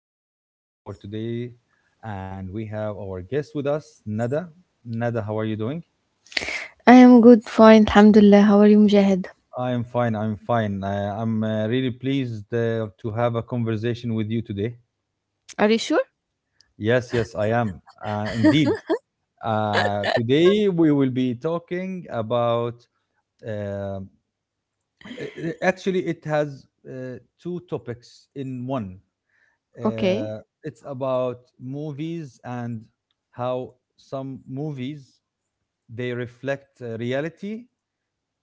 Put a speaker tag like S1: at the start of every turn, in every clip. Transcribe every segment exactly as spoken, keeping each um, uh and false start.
S1: I am the host for today, and we have our guest with us, Nada. Nada, how are you doing?
S2: I am good, fine, Alhamdulillah. How are you, Mujahid?
S1: I am fine. I'm fine. Uh, I'm uh, really pleased uh, to have a conversation with you today.
S2: Are you sure?
S1: Yes, yes, I am. Uh, indeed. Uh, today, we will be talking about uh, actually, it has uh, two topics in one.
S2: Okay.
S1: Uh, it's about movies and how some movies they reflect uh, reality.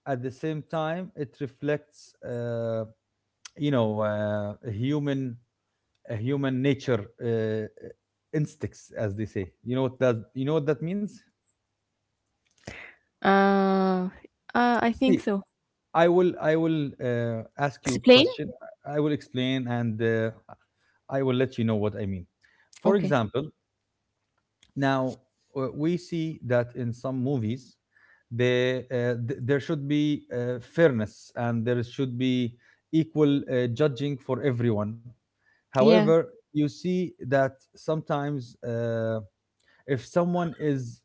S1: At the same time, it reflects, uh, you know, uh, a human a human nature, uh, instincts, as they say. You know what that you know what that means.
S2: Uh, uh I think
S1: See,
S2: so.
S1: I will I will uh, ask you
S2: Explain?
S1: question. I will explain, and uh, I will let you know what I mean. For
S2: Okay.
S1: example, now, uh, we see that in some movies, they, uh, th- there should be uh, fairness, and there should be equal uh, judging for everyone.
S2: Yeah.
S1: However, you see that sometimes, uh, if someone is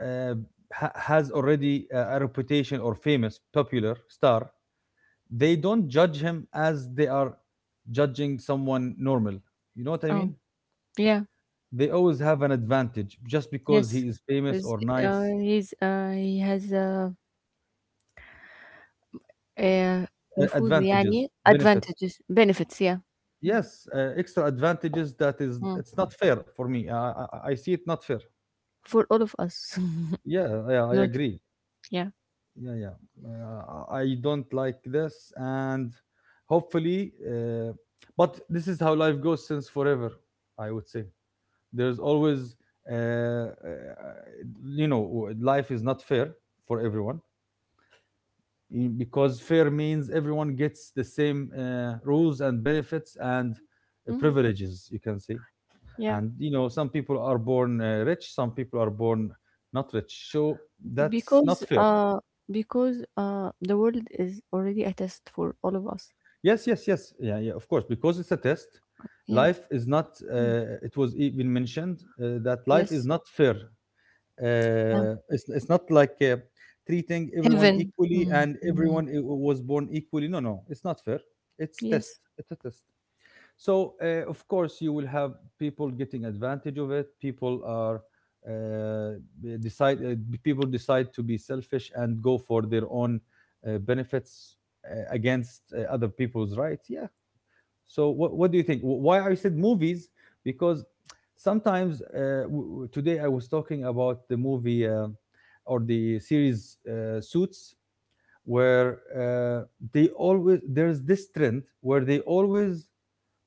S1: uh, ha- has already a, a reputation, or famous, popular star, they don't judge him as they are judging someone normal. You know what I
S2: Oh,
S1: mean?
S2: yeah.
S1: They always have an advantage just because
S2: Yes.
S1: he is famous
S2: Is-
S1: or
S2: Uh,
S1: nice,
S2: he's uh, he has uh, a
S1: uh,
S2: نفوذ
S1: advantages,
S2: يعني
S1: benefits.
S2: advantages, benefits. Yeah.
S1: Yes, uh, extra advantages that is
S2: Mm.
S1: it's not fair for me. I, I, I see it not fair.
S2: For all of us.
S1: Yeah, yeah, I
S2: Not.
S1: agree.
S2: Yeah.
S1: Yeah, yeah. Uh, I don't like this, and hopefully, uh, but this is how life goes since forever. I would say there's always, uh, uh, you know, w- life is not fair for everyone y- because fair means everyone gets the same uh, rules and benefits, and uh,
S2: Mm.
S1: privileges. You can say,
S2: Yeah.
S1: and you know some people are born uh, rich, some people are born not rich, so that's
S2: Because
S1: not fair.
S2: uh, because uh, the world is already a test for all of us.
S1: Yes, yes, yes. Yeah, yeah, of course, because it's a test.
S2: Yeah.
S1: Life is not
S2: Mm.
S1: uh, It was even mentioned uh, that life is
S2: Yes.
S1: not fair.
S2: Yeah.
S1: uh, it's, it's not like, uh, treating everyone
S2: Heaven.
S1: equally,
S2: Mm.
S1: and everyone i- was born equally. No, no, it's not fair. It's test.
S2: Yes.
S1: It's a test. So, uh, of course, you will have people getting advantage of it. People are uh, b- decide uh, b- People decide to be selfish and go for their own uh, benefits, uh, against uh, other people's rights. Yeah. So, what what do you think? Wh- Why I said movies? Because sometimes, uh, w- w- today I was talking about the movie, uh, or the series, uh, Suits, where, uh, they always there's this trend where they always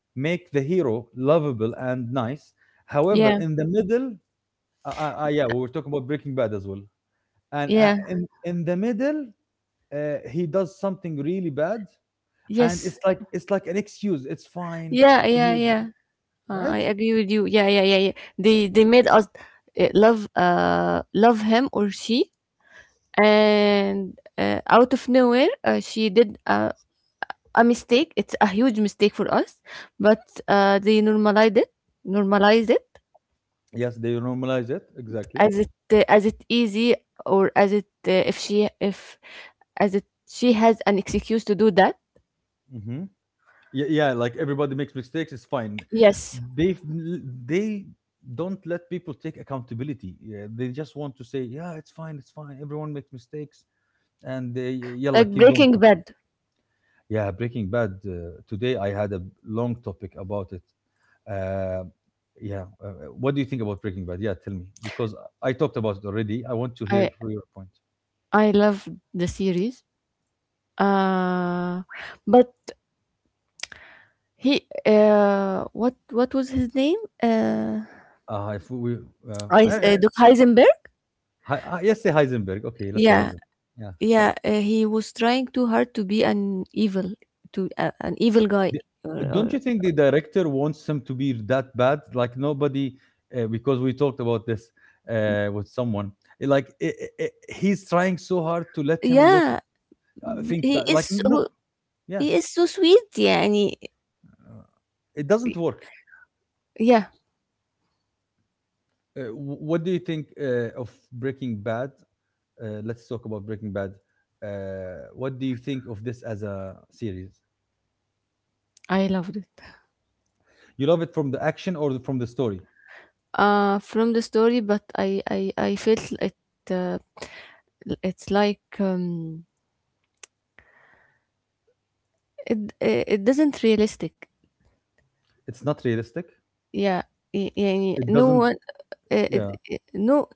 S1: make the hero lovable and nice. However,
S2: Yeah.
S1: in the middle, uh, uh, uh, yeah, we were talking about Breaking Bad as well. And uh,
S2: Yeah.
S1: in in the middle, uh, he does something really bad, and
S2: Yes.
S1: it's like it's like an excuse. It's fine
S2: Yeah.
S1: to
S2: Yeah.
S1: me,
S2: Yeah. Uh,
S1: right?
S2: I agree with you. Yeah. Yeah. Yeah. Yeah. They they made us uh, love uh love him or she, and uh, out of nowhere uh, she did a a mistake. It's a huge mistake for us, but uh, they normalized it. Normalized it
S1: Yes, they normalize it exactly.
S2: as it uh, as it easy or as it uh, if she if as it she has an excuse to do that.
S1: Hmm. Yeah, yeah, like everybody makes mistakes. It's fine.
S2: Yes,
S1: They they don't let people take accountability. Yeah, they just want to say, yeah, it's fine, it's fine. Everyone makes mistakes, and they yalla
S2: like
S1: keep going.
S2: Breaking Bad.
S1: Yeah, Breaking Bad. Uh, today I had a long topic about it. Uh, yeah. Uh, uh, what do you think about Breaking Bad? Yeah, tell me, because I talked about it already. I want to hear
S2: I
S1: from your point.
S2: I love the series. Uh, but he, uh, what what was his name? Uh,
S1: Uh, if we, uh,
S2: I,
S1: I, I,
S2: uh, Doc Heisenberg.
S1: Hi- uh, Let's say Heisenberg. Okay, let's say
S2: Yeah,
S1: Heisenberg. Yeah.
S2: yeah. Uh, he was trying too hard to be an evil, to uh, an evil guy.
S1: The-
S2: Or, or
S1: Don't you think the director wants him to be that bad? Like nobody, uh, because we talked about this uh, with someone. Like, i i i- he's trying so hard to let him look,
S2: yeah,
S1: uh, think
S2: he
S1: bad. Like,
S2: is
S1: no,
S2: so-
S1: yeah.
S2: he is so sweet. Yeah, and he,
S1: Uh, it doesn't work.
S2: yeah.
S1: Uh, what do you think uh, of Breaking Bad? Uh, let's talk about Breaking Bad. Uh, what do you think of this as a series?
S2: I loved it.
S1: You love it from the action or from the story?
S2: Uh, from the story, but I I I felt it. Uh, it's like um, it it doesn't realistic.
S1: It's not realistic.
S2: Yeah. ي- يعني
S1: It
S2: no
S1: doesn't.
S2: one uh, uh,
S1: Yeah.
S2: uh, no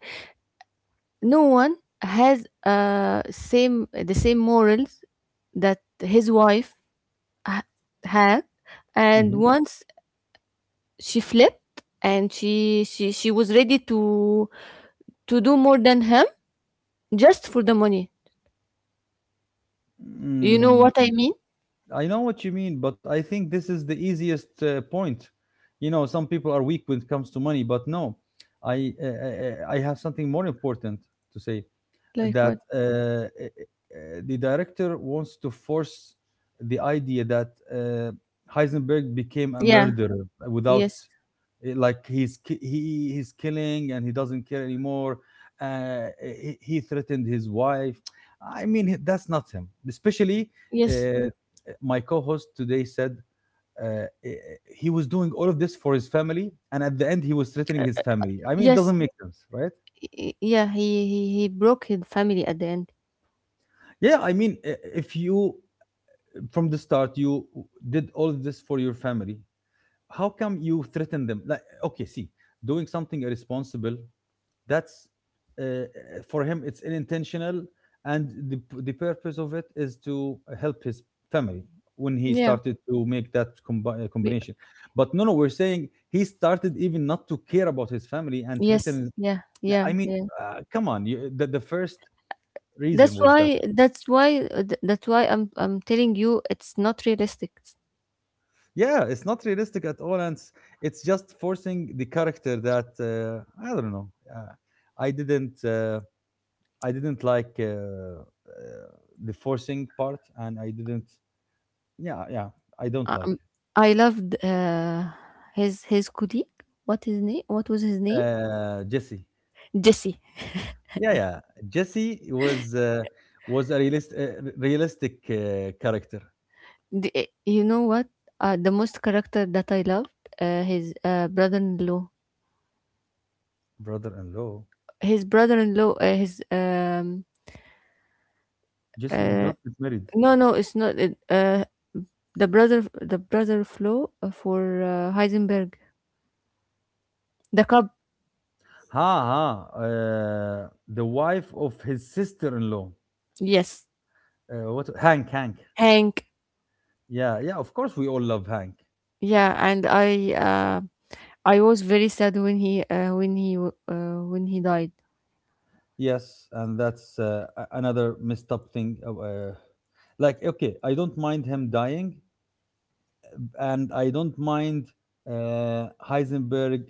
S2: no one has uh same the same morals that his wife ha- had, and
S1: Mhm.
S2: once she flipped, and she she she was ready to to do more than him just for the money. You know what I
S1: Mm,
S2: mean?
S1: I know what you mean, but I think this is the easiest uh, point. You know, some people are weak when it comes to money, but no, I uh, uh, uh, I have something more important to say.
S2: Like
S1: That
S2: what?
S1: uh, uh, The director wants to force the idea that, uh, Heisenberg became a
S2: Yeah.
S1: murderer without,
S2: Yes,
S1: eh, like, he's ki- he he's killing, and he doesn't care anymore. Uh, he, he threatened his wife. I mean, he- that's not him. Especially,
S2: yes,
S1: uh, my co-host today said, uh, eh, eh, he was doing all of this for his family, and at the end, he was threatening his family. I mean, it
S2: yes.
S1: doesn't make sense, right?
S2: Y- y- yeah he he, he broke his family at the end.
S1: Yeah, I mean, i- if you, from the start you did all of this for your family, how come you threaten them? Like, okay, see, doing something irresponsible, that's uh, for him it's unintentional, and the, the purpose of it is to help his family when he
S2: Yeah.
S1: started to make that combi- uh,
S2: Be-
S1: combination. But no, no, we're saying he started even not to care about his family and
S2: yes,
S1: threaten.
S2: yeah,
S1: I
S2: yeah,
S1: mean,
S2: yeah.
S1: uh, come on, you, the, the first reason
S2: That's
S1: was that.
S2: why that's why th- that's why I'm I'm telling you it's not realistic.
S1: Yeah, it's not realistic at all, and it's, it's just forcing the character that, uh, I don't know. Uh, I didn't uh, I didn't like, uh, uh, the forcing part, and I didn't. Yeah, yeah, I don't like.
S2: Um, I loved uh, his his colleague. What his name? What was his name?
S1: uh, Jesse.
S2: Jesse.
S1: Yeah, yeah, Jesse was uh, was a realist, uh, r- realistic uh, character.
S2: The- you know what? Uh, the most character that I loved uh, his uh, brother-in-law.
S1: Brother-in-law.
S2: His brother-in-law. Uh, his um
S1: Jesse did
S2: uh
S1: not get married.
S2: no, no, it's not it, uh the brother the brother-in-law for uh, Heisenberg. The cub.
S1: Ha ha! Uh, the wife of his sister-in-law.
S2: Yes.
S1: Uh, what, Hank? Hank.
S2: Hank.
S1: Yeah, yeah, of course we all love Hank.
S2: Yeah, and I uh, I was very sad when he uh, when he w- uh, when he died.
S1: Yes, and that's, uh, a- another messed up thing. Of, Uh, like, okay, I don't mind him dying, and I don't mind uh, Heisenberg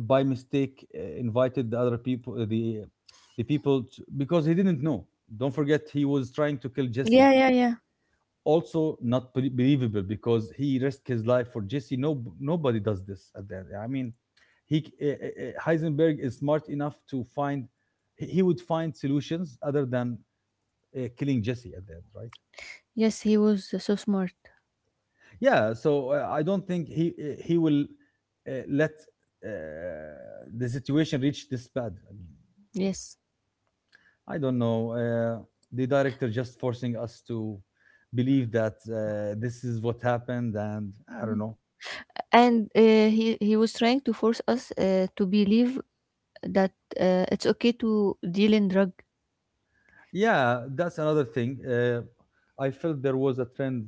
S1: by mistake uh, invited the other people, the the people, to, because he didn't know. Don't forget, he was trying to kill Jesse,
S2: Yeah, yeah, yeah.
S1: also not be- believable, because he risked his life for Jesse. No, nobody does this at the end. I mean, he uh, uh, Heisenberg is smart enough to find. He he would find solutions other than uh, killing Jesse at the end, right?
S2: Yes, he was so smart.
S1: Yeah. So, uh, I don't think he uh, he will uh, let uh, the situation reach this bad. I mean,
S2: Yes,
S1: I don't know. Uh, the director just forcing us to believe that uh, this is what happened, and I don't know.
S2: and uh, he he was trying to force us uh, to believe that uh, it's okay to deal in drug.
S1: Yeah, that's another thing. Uh, I felt there was a trend,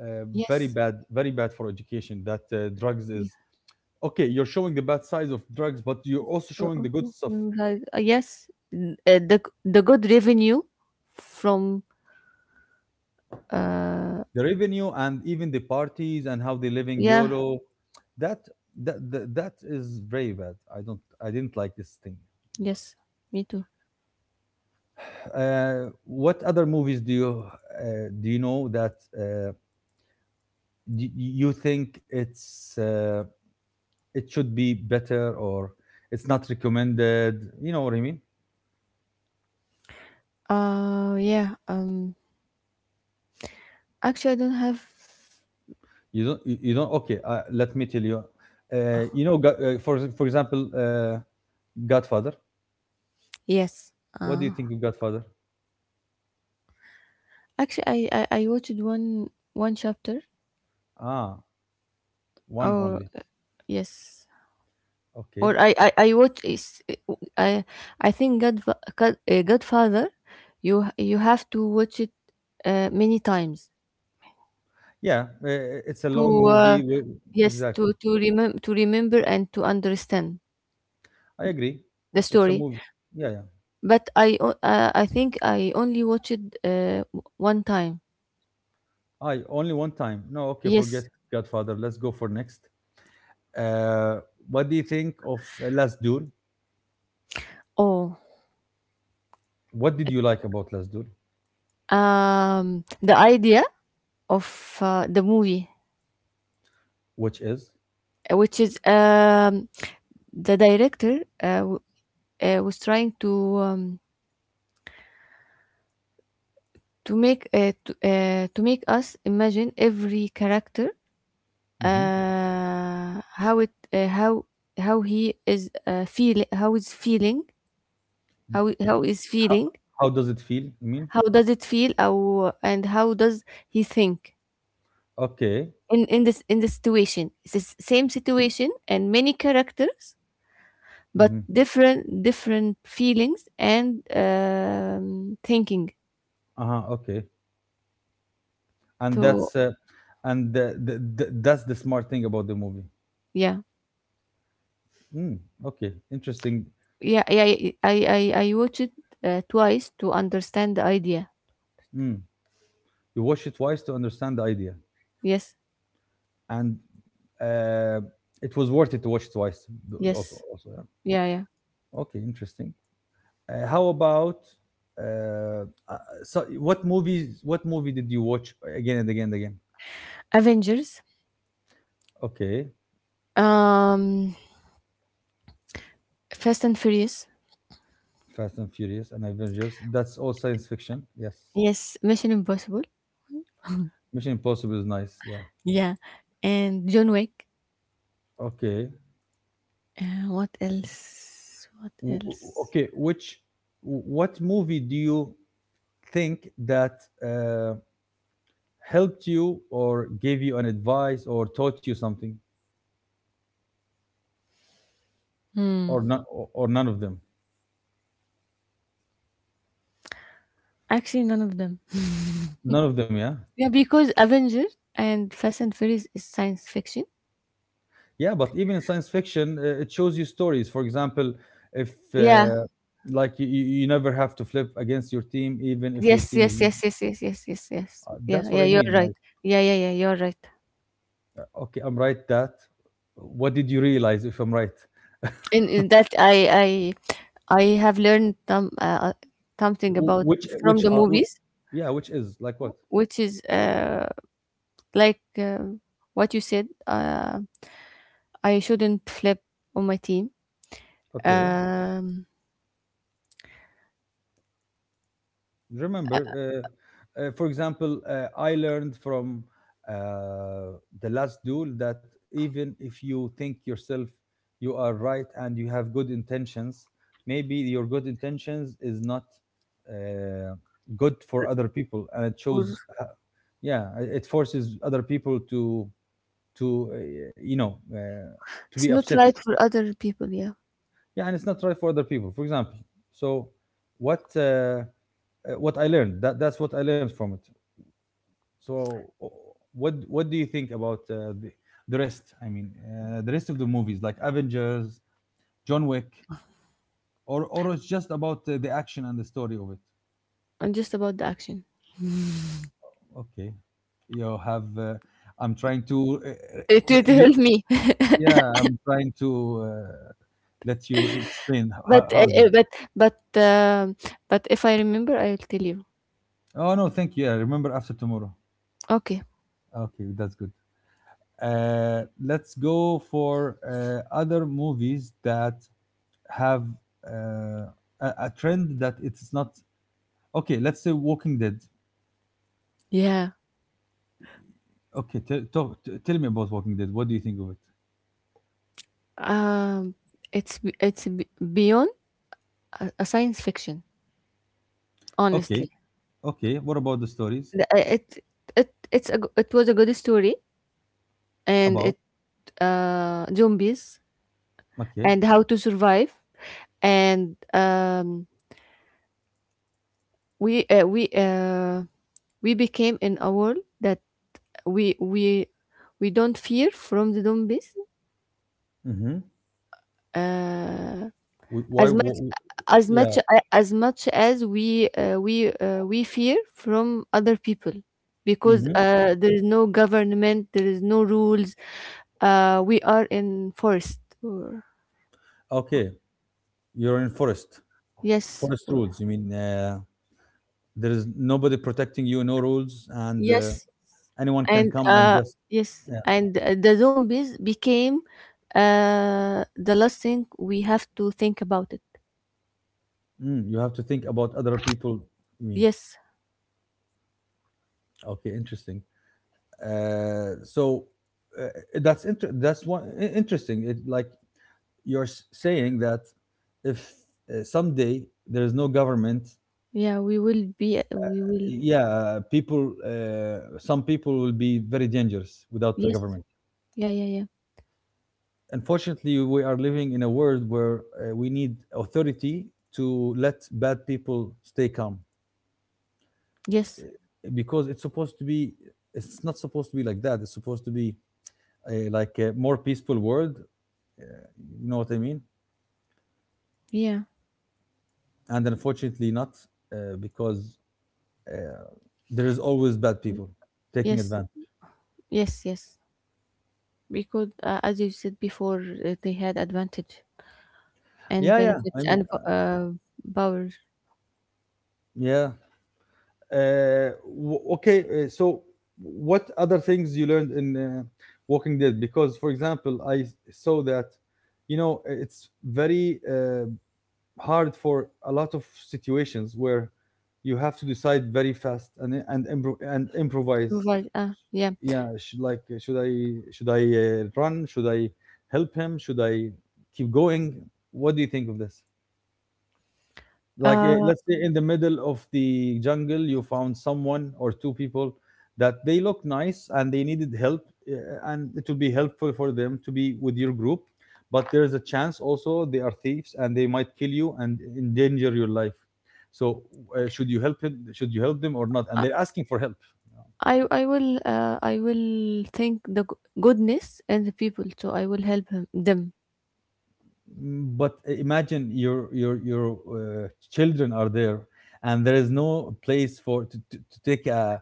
S1: uh, very
S2: Yes.
S1: bad, very bad for education. That uh, drugs
S2: Yeah.
S1: is okay. You're showing the bad sides of drugs, but you're also
S2: Uh,
S1: showing
S2: uh,
S1: the good stuff,
S2: uh, uh, yes. N- uh, the the good revenue from.
S1: the revenue, and even the parties and how they're living
S2: Yeah.
S1: YOLO. That that that, that is very bad. I don't, I didn't like this thing. To be
S2: Yes. Me too.
S1: honest. Uh, what other movies do you uh, do you know that, uh, y- you think it's, uh, it should be better, or it's not recommended? You know what I mean?
S2: Uh yeah. Um actually, I don't have.
S1: You don't. You, you don't. Okay. Uh, let me tell you. Uh, you know, Go- uh, for for example, uh, Godfather.
S2: Yes.
S1: What do you
S2: uh
S1: think of Godfather?
S2: Actually, I I, I watched one one chapter.
S1: Ah, one
S2: Oh,
S1: only.
S2: yes,
S1: Okay.
S2: or I I, I watch is I I think God, God uh, Godfather, you you have to watch it uh, many times
S1: Yeah, uh, it's a
S2: to
S1: long
S2: uh,
S1: movie. wi-
S2: yes,
S1: Exactly.
S2: to to remember to remember and to understand
S1: I agree.
S2: the
S1: It's a
S2: story.
S1: movie. Yeah, yeah.
S2: But I o- uh, I think I only watched it uh, one time.
S1: I only one time. No, okay.
S2: Yes.
S1: Forget Godfather. Let's go for next. Uh, what do you think of, uh, Last Duel?
S2: Oh,
S1: What did you like about Last Duel?
S2: um, the idea of uh, the movie,
S1: Which is?
S2: uh, which is um, the director. Uh, uh, was trying to um, to make uh, to, uh, to make us imagine every character,
S1: Mm-hmm.
S2: uh, how it uh, how how he is, uh, feel how is feeling, how how is
S1: Ho
S2: feeling.
S1: How does it feel, I mean?
S2: How does it feel, how, and how does he think
S1: Okay.
S2: in in this in this situation? It's the s- same situation and many characters but
S1: Mhm.
S2: different different feelings and um, thinking.
S1: Uh-huh, okay. And
S2: So,
S1: that's, uh, and the the the that's the smart thing about the movie.
S2: yeah.
S1: Mm, okay, interesting.
S2: Yeah, yeah, yeah, I I I watched it uh, twice to understand the idea.
S1: Mm. You watch it twice to understand the idea.
S2: Yes,
S1: And uh, it was worth it to watch twice, th- also,
S2: yes,
S1: also, yeah.
S2: yeah, yeah.
S1: Okay, interesting. Uh, how about, uh, uh, so what movies what movie did you watch again and again and again?
S2: Avengers,
S1: Okay.
S2: um, Fast and Furious.
S1: Fast and Furious and Avengers. That's all science fiction. Yes.
S2: Yes, Mission Impossible.
S1: Mission Impossible is nice. Yeah.
S2: Yeah, and John Wick.
S1: Okay.
S2: Uh, what else? What
S1: W- w-
S2: else?
S1: okay. Which, what movie do you think that uh, helped you, or gave you an advice, or taught you something, or not, or, or none of them?
S2: Actually, none of them.
S1: None of them. Yeah.
S2: Yeah, because Avengers and Fast and Furious is science fiction.
S1: Yeah. But even in science fiction, uh, it shows you stories. For example, if
S2: Yeah.
S1: uh, like you, you you never have to flip against your team, even if your
S2: Yes.
S1: team is
S2: Yes.
S1: making.
S2: Yes. Yes. Yes. Yes. Yes. Yes.
S1: Uh,
S2: Yeah.
S1: that's what
S2: Yeah.
S1: I
S2: You're
S1: mean.
S2: right.
S1: Like,
S2: Yeah. Yeah. Yeah. You're right.
S1: okay, I'm right. That. What did you realize? If I'm right.
S2: in, in that I I I have learned some uh, something about
S1: Which
S2: from
S1: which
S2: the
S1: are,
S2: movies,
S1: yeah, which is like what?
S2: which is uh, like uh, what you said. Uh, I shouldn't flip on my team.
S1: Okay,
S2: Um,
S1: remember. Uh, uh, for example, uh, I learned from, uh, the Last Duel, that even if you think yourself you are right and you have good intentions, maybe your good intentions is not uh, good for other people, and it
S2: or
S1: shows. Uh, yeah, it it forces other people to to uh, you know uh, to be
S2: it's not
S1: upset
S2: right for other people. Yeah,
S1: yeah and it's not right for other people, for example. So what uh, uh, what I learned that That's what I learned from it. so o- what what do you think about uh, the, the rest? I mean uh, the rest of the movies, like Avengers, John Wick? or or it's just about uh, the action and the story of it?
S2: and just about the action.
S1: Okay. You have uh, I'm trying to uh,
S2: It
S1: uh,
S2: would
S1: re-
S2: help me,
S1: yeah, I'm trying to uh, let you explain
S2: but
S1: h-
S2: uh,
S1: harder.
S2: uh, but but um but if I remember, I'll tell you.
S1: Oh, no, thank you. Yeah, remember after tomorrow.
S2: Okay.
S1: Okay, that's good. Uh, let's go for uh, other movies that have uh, a, a trend that it's not okay. Let's say Walking Dead.
S2: Yeah.
S1: Okay, tell, talk, t- tell me about Walking Dead. What do you think of it?
S2: Um. It's b- it's b- beyond a, a science fiction.
S1: Okay,
S2: Honestly,
S1: okay. What about the stories
S2: The I it it it's a g it was a good story, and
S1: about?
S2: it, uh zombies
S1: Okay.
S2: and how to survive, and, um, we, uh we, uh we became in a world that we we we don't fear from the zombies,
S1: Mm-hmm.
S2: uh
S1: Why?
S2: as much
S1: Wh-
S2: as
S1: yeah.
S2: much as much as we uh, we uh, we fear from other people, because
S1: Mm-hmm.
S2: uh, there is no government, there is no rules, uh, we are in forest, or
S1: Okay, you're in forest.
S2: yes
S1: Forest
S2: or,
S1: rules. You mean uh, there is nobody protecting you, no rules, and uh,
S2: yes
S1: anyone can
S2: and
S1: come and
S2: uh,
S1: just.
S2: yes, and uh, the zombies became uh, the last thing we have to think about it.
S1: Mm, you have to think about other people. I mean,
S2: Yes.
S1: okay, interesting. Uh, so uh, that's inter- that's one i- interesting. It, like, you're s- saying that if uh, someday there is no government,
S2: Yeah, we will be we will.
S1: yeah, people, uh, some people will be very dangerous without a
S2: Yes,
S1: government.
S2: yeah, yeah, yeah.
S1: Unfortunately, we are living in a world where uh, we need authority to let bad people stay calm. Uh,
S2: Yes,
S1: because it's supposed to be. It's not supposed to be like that. It's supposed to be a, like a more peaceful world. Uh, you know what I mean?
S2: yeah.
S1: And unfortunately, not uh, because uh, there is always bad people taking
S2: Yes,
S1: advantage.
S2: yes, yes. Because uh, as you said before, uh, they had advantage and
S1: Yeah, yeah.
S2: benefits
S1: I mean,
S2: and po-
S1: uh,
S2: uh, power.
S1: yeah. Uh, w- okay. Uh, so, what other things you learned in uh, Walking Dead? Because, for example, I s- saw that you know it's very uh, hard for a lot of situations where you have to decide very fast and and impro- and improvise.
S2: Provide, uh, yeah.
S1: Yeah, should, like, uh, should i should I uh, run? Should I help him? Should I keep going? What do you think of this? Like, uh,
S2: uh,
S1: let's say in the middle of the jungle you found someone or two people that they look nice and they needed help, uh, and it would be helpful for them to be with your group, but there's a chance also they are thieves and they might kill you and endanger your life. So uh, should you help him, should you help them or not, and they're asking for help?
S2: i i will uh, i will think the g- goodness and the people, so I will help him, them.
S1: Mm, but imagine your your your uh, children are there, and there is no place for to, to, to take a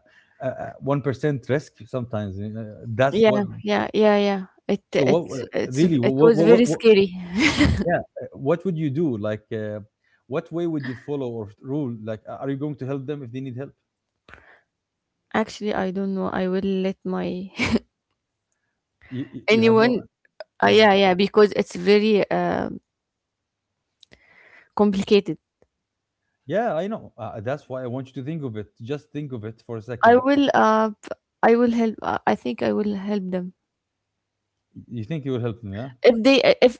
S1: one percent risk sometimes. Uh, that's what
S2: Yeah, yeah, yeah, yeah. it
S1: so what
S2: it's
S1: uh,
S2: it's
S1: really
S2: It
S1: what
S2: was
S1: what,
S2: very
S1: what, what
S2: scary.
S1: yeah uh, what would you do? Like, uh, what way would you follow, or rule, like, a- are you going to help them if they need help?
S2: Actually, I don't know. I will let my
S1: You you you have
S2: anyone.
S1: no.
S2: Uh,
S1: Yeah.
S2: yeah, yeah, because it's very um complicated.
S1: Yeah, I know, uh, that's why I want you to think of it. Just think of it for a
S2: i
S1: second.
S2: will uh p- I will help. i I think I will help them
S1: You think you will help them, yeah.
S2: if they if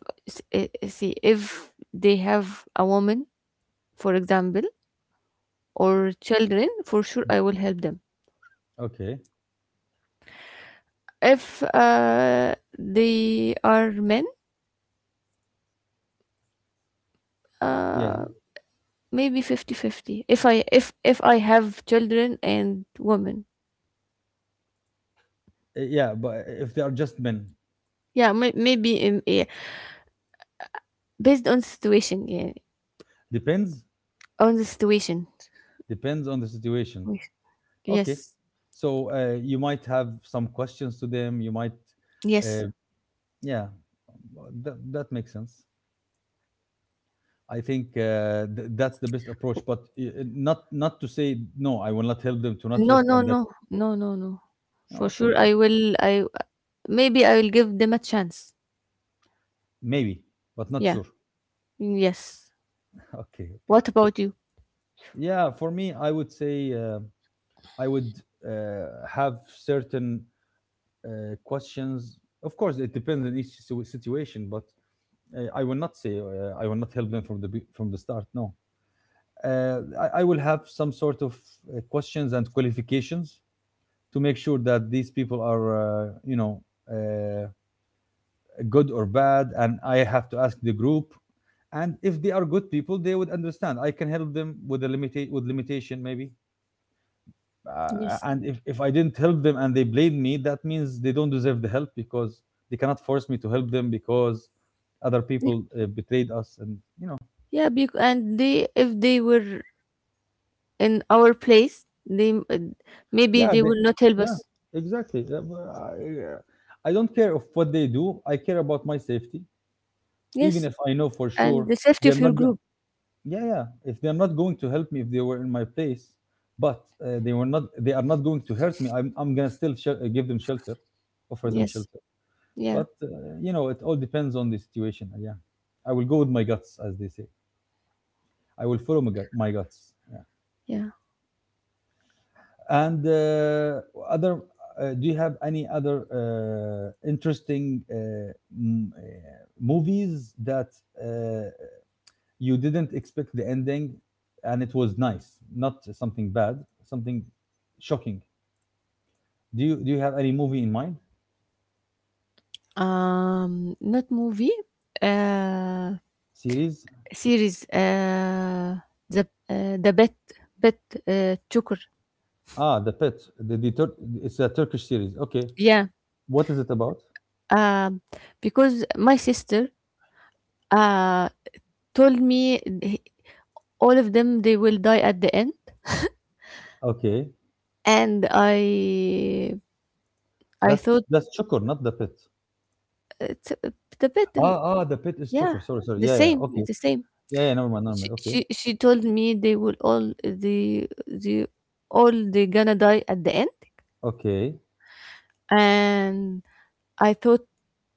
S2: see if they have a woman, for example, or children, for sure I will help them.
S1: Okay.
S2: If uh, they are men,
S1: Yeah.
S2: uh, maybe fifty fifty. If I if if I have children and women.
S1: Uh, Yeah, but if they are just men,
S2: Yeah, may, maybe, um, yeah. Based on situation, yeah,
S1: depends.
S2: on the situation.
S1: Depends on the situation. Okay,
S2: Yes,
S1: so uh, you might have some questions to them. You might,
S2: yes.
S1: uh, yeah, that that makes sense. I think uh, th- that's the best approach, but uh, uh, not not to say no. I will not help them to not
S2: No,
S1: risk,
S2: no,
S1: and
S2: no,
S1: that's it.
S2: no, no, no,
S1: Oh,
S2: for
S1: okay,
S2: sure I
S1: good.
S2: will, I maybe I will give them a chance.
S1: Maybe, but not
S2: Yeah.
S1: sure.
S2: Yes.
S1: Okay, okay.
S2: What about you?
S1: Yeah, for me, I would say uh, I would uh, have certain uh, questions. Of course, it depends on each situation, but uh, I will not say uh, I will not help them from the be- from the start. No, uh, I, I will have some sort of uh, questions and qualifications to make sure that these people are uh, you know uh, good or bad, and I have to ask the group. And if they are good people, they would understand. I can help them with a limita- with limitation maybe. Uh,
S2: Yes.
S1: and if, if I didn't help them and they blame me, that means they don't deserve the help, because they cannot force me to help them because other
S2: Be-
S1: people uh, betrayed us, and you know,
S2: Yeah, bec- and they, if they were in our place, they m- uh, maybe
S1: yeah,
S2: they
S1: they,
S2: will not help
S1: yeah,
S2: us.
S1: exactly. Yeah, but I, I don't care of what they do. I care about my safety. Even
S2: Yes,
S1: if I know for
S2: and
S1: sure
S2: the safety of
S1: they're
S2: your
S1: not going,
S2: group.
S1: yeah, yeah, if they're not going to help me if they were in my place, but uh, they were not, they are not going to hurt me. i'm, I'm gonna still shel- uh, give them shelter, offer them
S2: Yes.
S1: shelter.
S2: Yeah.
S1: But uh, you know, it all depends on the situation. uh, Yeah, I will go with my guts, as they say. I will follow my, gut- my guts. Yeah.
S2: Yeah.
S1: And uh, other, uh, do you have any other uh, interesting uh, m- uh, movies that uh, you didn't expect the ending, and it was nice, not something bad, something shocking? Do you do you have any movie in mind?
S2: Um, not movie. Uh,
S1: Series?
S2: Series. Uh, the uh, the bet bet, uh, Joker.
S1: Ah, The Pet. The, the Tur- it's a Turkish series. Okay.
S2: Yeah.
S1: What is it about?
S2: Um, because my sister uh told me th- all of them they will die at the end,
S1: Okay.
S2: and I I
S1: That's
S2: thought
S1: that's Çukur, not the pit.
S2: it's a, the battle.
S1: Ah, ah, the pit is
S2: Yeah,
S1: Çukur. Sorry, sorry.
S2: the
S1: Yeah, yeah.
S2: same,
S1: Okay.
S2: the same.
S1: Yeah, yeah. Never mind. Never
S2: She,
S1: mind. Okay.
S2: she she told me they will, all the the all, they gonna die at the end,
S1: Okay.
S2: and I thought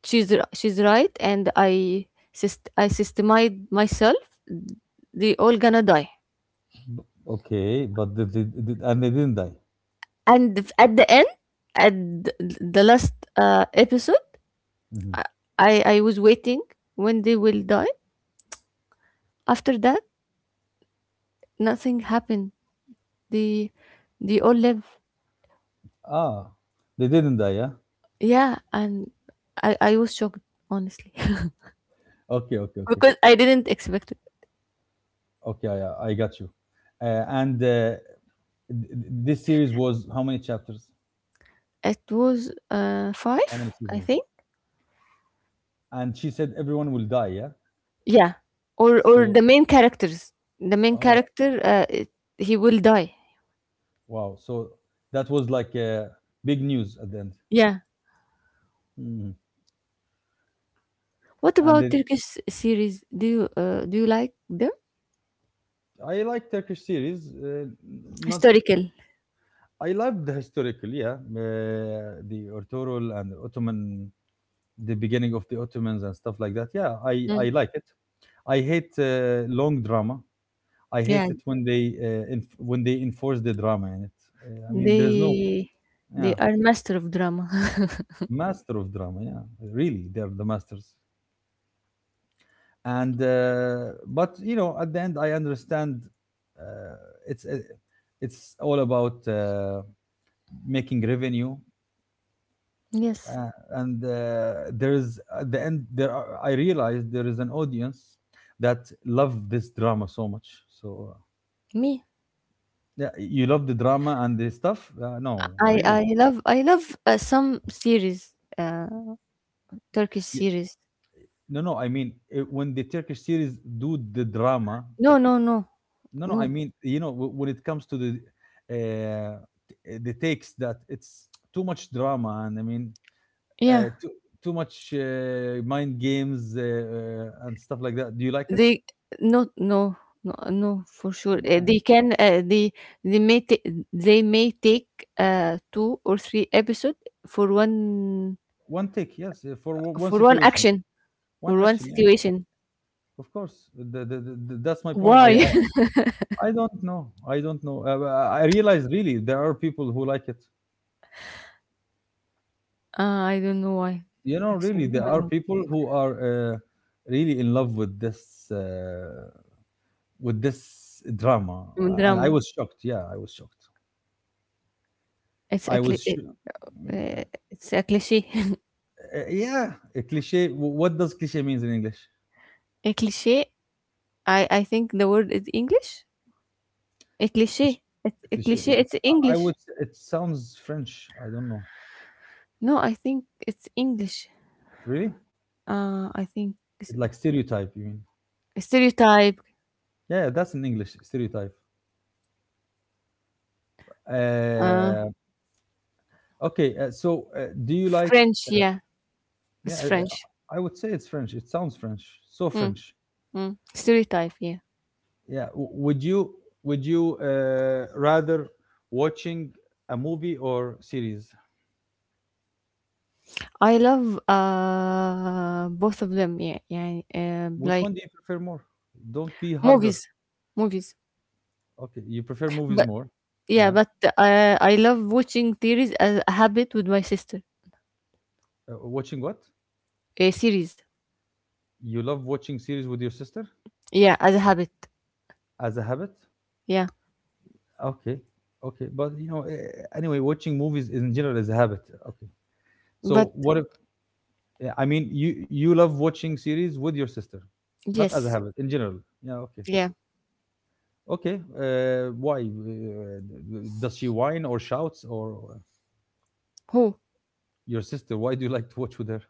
S2: she's r- she's right, and I syst- I systemized myself. They all gonna die,
S1: B- Okay. But they, they, they- and they didn't die.
S2: and f- at the end, at th- the last uh, episode,
S1: Hmm.
S2: I I was waiting when they will die. After that, nothing happened. They they all live.
S1: Ah, they didn't die. Yeah.
S2: Yeah, and I I was shocked, honestly.
S1: Okay. Okay. Okay.
S2: Because I didn't expect it.
S1: Okay. Yeah, yeah. I got you. Uh, and uh, th- this series was how many chapters?
S2: It was uh
S1: How many
S2: five, I
S1: seasons?
S2: think.
S1: And she said everyone will die. Yeah.
S2: Yeah, or or
S1: So,
S2: the main characters. The main
S1: oh
S2: character, uh, it, he will die.
S1: wow. So that was like uh, big news at the end.
S2: Yeah.
S1: Mhm.
S2: What
S1: And
S2: about
S1: they,
S2: Turkish series? Do you uh, do you like them?
S1: I like Turkish series. Uh, not
S2: Historical.
S1: I love the historical, yeah, uh, the Arturul and Ottoman, the beginning of the Ottomans and stuff like that. Yeah, I
S2: Mm.
S1: I like it. I hate uh, long drama. I hate
S2: Yeah,
S1: it when they uh, inf- when they enforce the drama in it. Uh, I mean, there's no,
S2: they they
S1: yeah,
S2: are master of drama.
S1: master of drama. Yeah, really, they're the masters. And uh, but you know, at the end, I understand uh, it's uh, it's all about uh, making revenue
S2: Yes,
S1: uh, and uh, there is at the end there are, I realized there is an audience that love this drama so much. So uh,
S2: me.
S1: yeah, you love the drama and the stuff. Uh, no,
S2: I
S1: really,
S2: I love I love uh, some series, uh, Turkish
S1: yeah,
S2: series.
S1: no no I mean uh, when the Turkish series do the drama.
S2: No, no, no,
S1: No, no, I
S2: no.
S1: mean you know, w- when it comes to the uh, t- the takes that it's too much drama and I mean uh,
S2: Yeah.
S1: too, too much uh, mind games, uh, uh, and stuff like that, do you like it?
S2: They No, no, no, no, for sure. Uh, they can, uh, they they may ta- they may take uh, two or three episode for one,
S1: One take, yes, uh, for o- one
S2: for one
S1: situation,
S2: action
S1: one
S2: or one
S1: action. Yeah,
S2: situation.
S1: of course. The, the, the, the- that's my point. I,
S2: Why?
S1: I I don't know. I don't know. Uh, uh, I I realize really there are people who like it.
S2: Uh, I don't know why.
S1: You know, really
S2: Actually,
S1: there
S2: I
S1: are
S2: don't
S1: people who are uh, really in love with this uh, with this drama.
S2: know.
S1: Uh, and I
S2: Drama.
S1: was shocked. Yeah, I was shocked.
S2: It's a
S1: I was.
S2: cli-
S1: Sh-
S2: it,
S1: uh,
S2: uh, it's a cliche.
S1: uh, yeah, a cliche. wh- What does cliche means in English?
S2: A cliche. I I think the word is English. A
S1: A cliche.
S2: cliche. It's
S1: A
S2: a
S1: cliche.
S2: cliche. It's
S1: I I would.
S2: English.
S1: It sounds French. I don't know.
S2: No, I think it's English.
S1: Really?
S2: Uh, I think it's
S1: Like stereotype, you mean?
S2: a stereotype.
S1: Yeah, that's in English, stereotype.
S2: Uh,
S1: Uh, okay, uh, so uh, do you like?
S2: French. Yeah, it's
S1: Yeah, uh, uh,
S2: French.
S1: I would say it's French. It sounds French, so
S2: Mm,
S1: French.
S2: mm. Stereotype. Yeah,
S1: Yeah. w- Would you, would you uh, rather watching a movie or series?
S2: I love uh both of them. Yeah, yeah. Uh,
S1: Which
S2: like
S1: one do you prefer more? Don't be harder.
S2: movies, movies.
S1: Okay, you prefer movies
S2: But
S1: more.
S2: yeah,
S1: Yeah.
S2: but uh, I love watching series as a habit with my sister.
S1: Uh, watching what?
S2: A series.
S1: You love watching series with your sister
S2: Yeah, as a habit.
S1: as a habit?
S2: Yeah,
S1: Okay, okay, but you know, eh, anyway, watching movies in general is a habit. Okay,
S2: but
S1: so what if, yeah, I mean you, you love watching series with your sister, not as
S2: yes.
S1: a habit in general. Yeah, okay,
S2: Yeah.
S1: okay. Uh, why uh, d- does she whine or shouts or uh,
S2: Who?
S1: your sister? Why do you like to watch with her?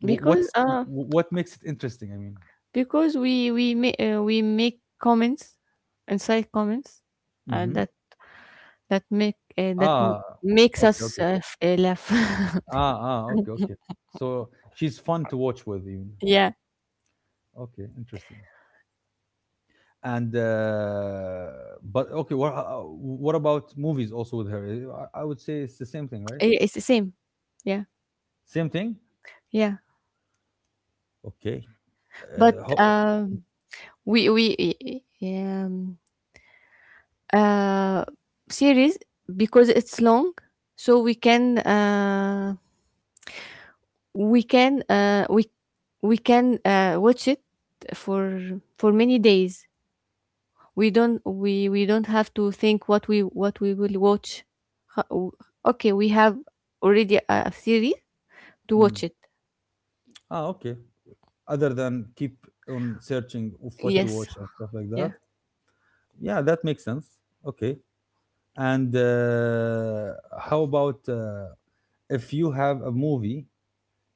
S1: Wh-
S2: Because
S1: What's
S2: uh
S1: wh- what makes it interesting? I mean,
S2: because we we make, uh, we make comments, inside comments, uh,
S1: hmm,
S2: that that make, uh, that m-
S1: ah,
S2: makes
S1: okay,
S2: us,
S1: okay,
S2: uh, f- uh, laugh.
S1: ah, ah, okay, okay. So she's fun to watch with, even.
S2: Yeah.
S1: Okay, interesting. and uh, but okay, what uh, what about movies also with her? I, I would say it's the same thing, right?
S2: I- it's the same. Yeah
S1: Same thing.
S2: yeah.
S1: Okay.
S2: But
S1: uh, ho-
S2: um we we i- i- um uh series, because it's long, so we can uh we can uh we we can uh watch it for for many days. We don't we we don't have to think what we what we will watch. Ho- okay, we have already a series to watch
S1: mm.
S2: it.
S1: Ah, okay, other than keep on searching of what to
S2: Yes,
S1: watch and stuff like that.
S2: yeah.
S1: Yeah, that makes sense. Okay, and uh, how about uh, if you have a movie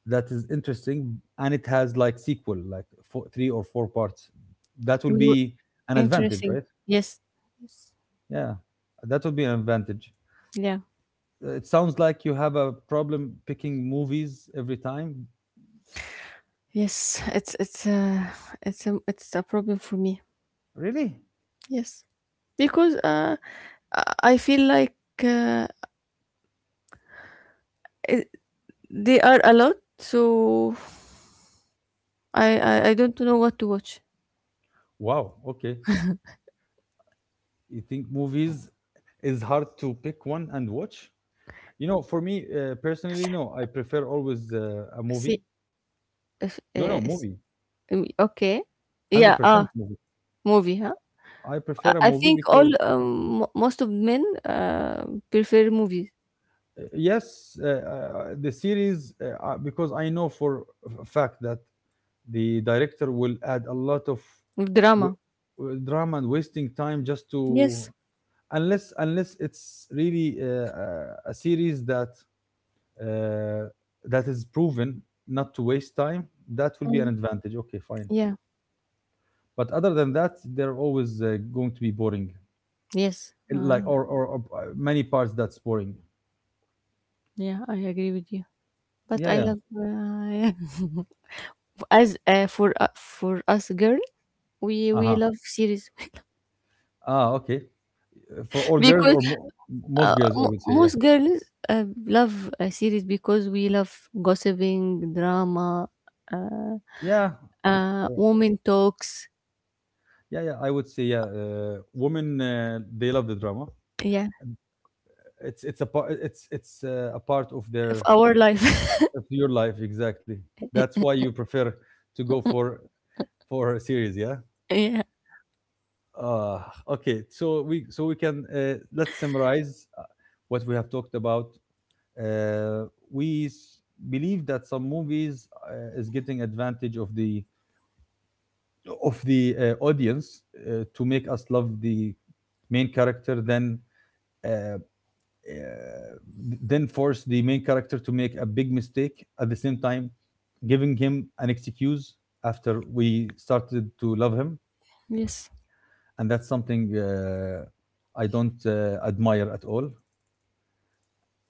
S1: that is interesting and it has like sequel, like four, three or four parts, that will
S2: we were
S1: be an advantage,
S2: Interesting.
S1: right?
S2: Yes, yes,
S1: Yeah, that would be an advantage.
S2: yeah.
S1: Uh, It sounds like you have a problem picking movies every time.
S2: Yes, it's it's uh it's a it's a problem for me.
S1: Really?
S2: Yes, because uh i I feel like, uh, it, they are a lot, so I, I I don't know what to watch.
S1: Wow, okay. You think movies is hard to pick one and watch? You know, for me uh, personally, no. I prefer always uh, a
S2: See
S1: movie.
S2: if,
S1: No,
S2: uh,
S1: no,
S2: see-
S1: movie.
S2: um, Okay, yeah, ah.
S1: one hundred percent movie.
S2: Movie, huh?
S1: I
S2: I
S1: prefer a
S2: I
S1: movie
S2: think all
S1: because,
S2: um, mo- most of men uh, prefer movies,
S1: uh, yes, uh, uh, the series, uh, uh, because I know for a fact that the director will add a lot of w-
S2: drama.
S1: w- drama and wasting time just to,
S2: Yes.
S1: unless, unless it's really uh, a a series that uh, that is proven not to waste time, that will be an advantage, okay, fine,
S2: Yeah.
S1: but other than that, they're always uh, going to be boring
S2: Yes. Uh,
S1: like,
S2: yeah.
S1: or, or or uh, many parts, that's boring.
S2: Yeah, I agree with you. But
S1: Yeah,
S2: I
S1: yeah.
S2: love, uh, yeah. As uh, for uh, for us girl, we we
S1: Uh-huh,
S2: love series.
S1: ah, okay. Uh, for all girls
S2: Because
S1: or mo- most
S2: uh,
S1: girls, I
S2: mo
S1: would say yeah.
S2: most girls uh, love uh, series, because we love gossiping, drama, uh,
S1: Yeah.
S2: uh, woman talks.
S1: Yeah, yeah, I would say yeah. Uh, women, uh, they love the drama.
S2: Yeah,
S1: It's it's a part. It's it's uh, a part of
S2: of
S1: their,
S2: our life.
S1: of your life exactly. That's why you prefer to go for for a series. Yeah.
S2: Yeah.
S1: Uh, okay. So we, so we can, uh, let's summarize uh, what we have talked about. Uh, we s- believe that some movies uh, is getting advantage of the, of the uh, audience uh, to make us love the main character, than uh, uh, then force the main character to make a big mistake at the same time, giving him an excuse after we started to love him,
S2: Yes.
S1: and that's something uh, I don't uh, admire at all.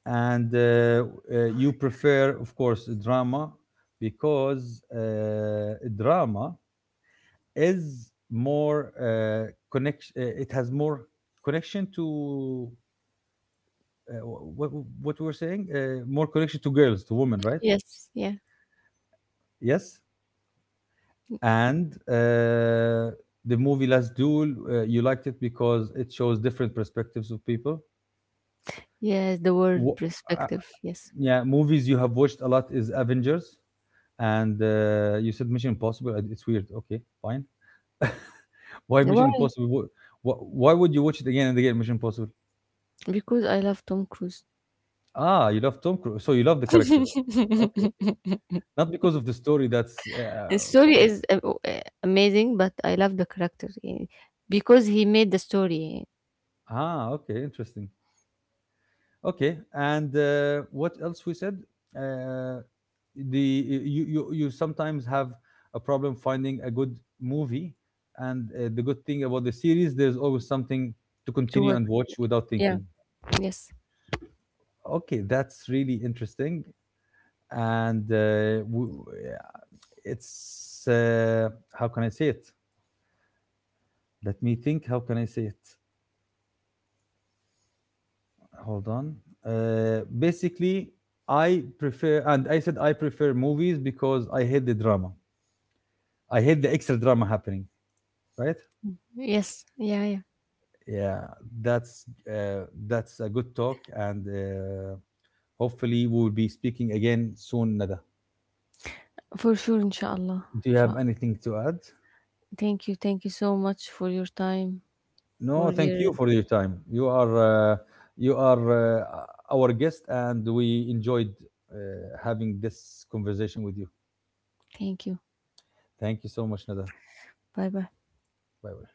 S1: And uh, uh, you prefer, of course, drama because uh, drama is more uh, connection. Uh, it has more connection to uh, what, what we were saying, uh, more connection to girls, to women, right?
S2: Yes. Yeah.
S1: Yes, and uh, the movie Last Duel, uh, you liked it because it shows different perspectives of people.
S2: Yes, the world
S1: Wh- uh,
S2: perspective. Yes.
S1: yeah, movies you have watched a lot is Avengers, and uh, you said Mission Impossible. uh, It's weird. Okay, fine. Why
S2: Why?
S1: Mission Impossible? Wh- wh- Why would you watch it again and again? Mission Impossible.
S2: Because I love Tom Cruise.
S1: Ah, you love Tom Cruise, so you love the character. Okay, not because of the story. That's
S2: The
S1: uh,
S2: story is uh, uh, amazing, but I love the character, eh, because he made the story
S1: ah, okay, interesting. Okay, and uh, what else we said? Uh, the you, you you sometimes have a problem finding a good movie, and uh, the good thing about the series, there's always something to
S2: to
S1: continue
S2: work.
S1: and watch without
S2: Yeah.
S1: thinking.
S2: Yes.
S1: Okay, that's really interesting, and uh, w- yeah, it's uh, how can I say it? Let me think. How can I say it? Hold on. Uh, basically, I prefer, and I said I prefer movies because I hate the drama. I hate the extra drama happening, right?
S2: Yes. Yeah. Yeah.
S1: Yeah, that's uh, that's a good talk, and uh, hopefully we will be speaking again soon, Nada.
S2: For sure. Inshallah.
S1: Do you have
S2: Inshallah.
S1: anything to add?
S2: Thank you. Thank you so much for your time.
S1: No,
S2: For
S1: thank
S2: your.
S1: you for your time. You are uh, you are uh, our guest, and we enjoyed uh, having this conversation with you.
S2: Thank you.
S1: Thank you so much, Nada.
S2: Bye. Bye.
S1: Bye bye.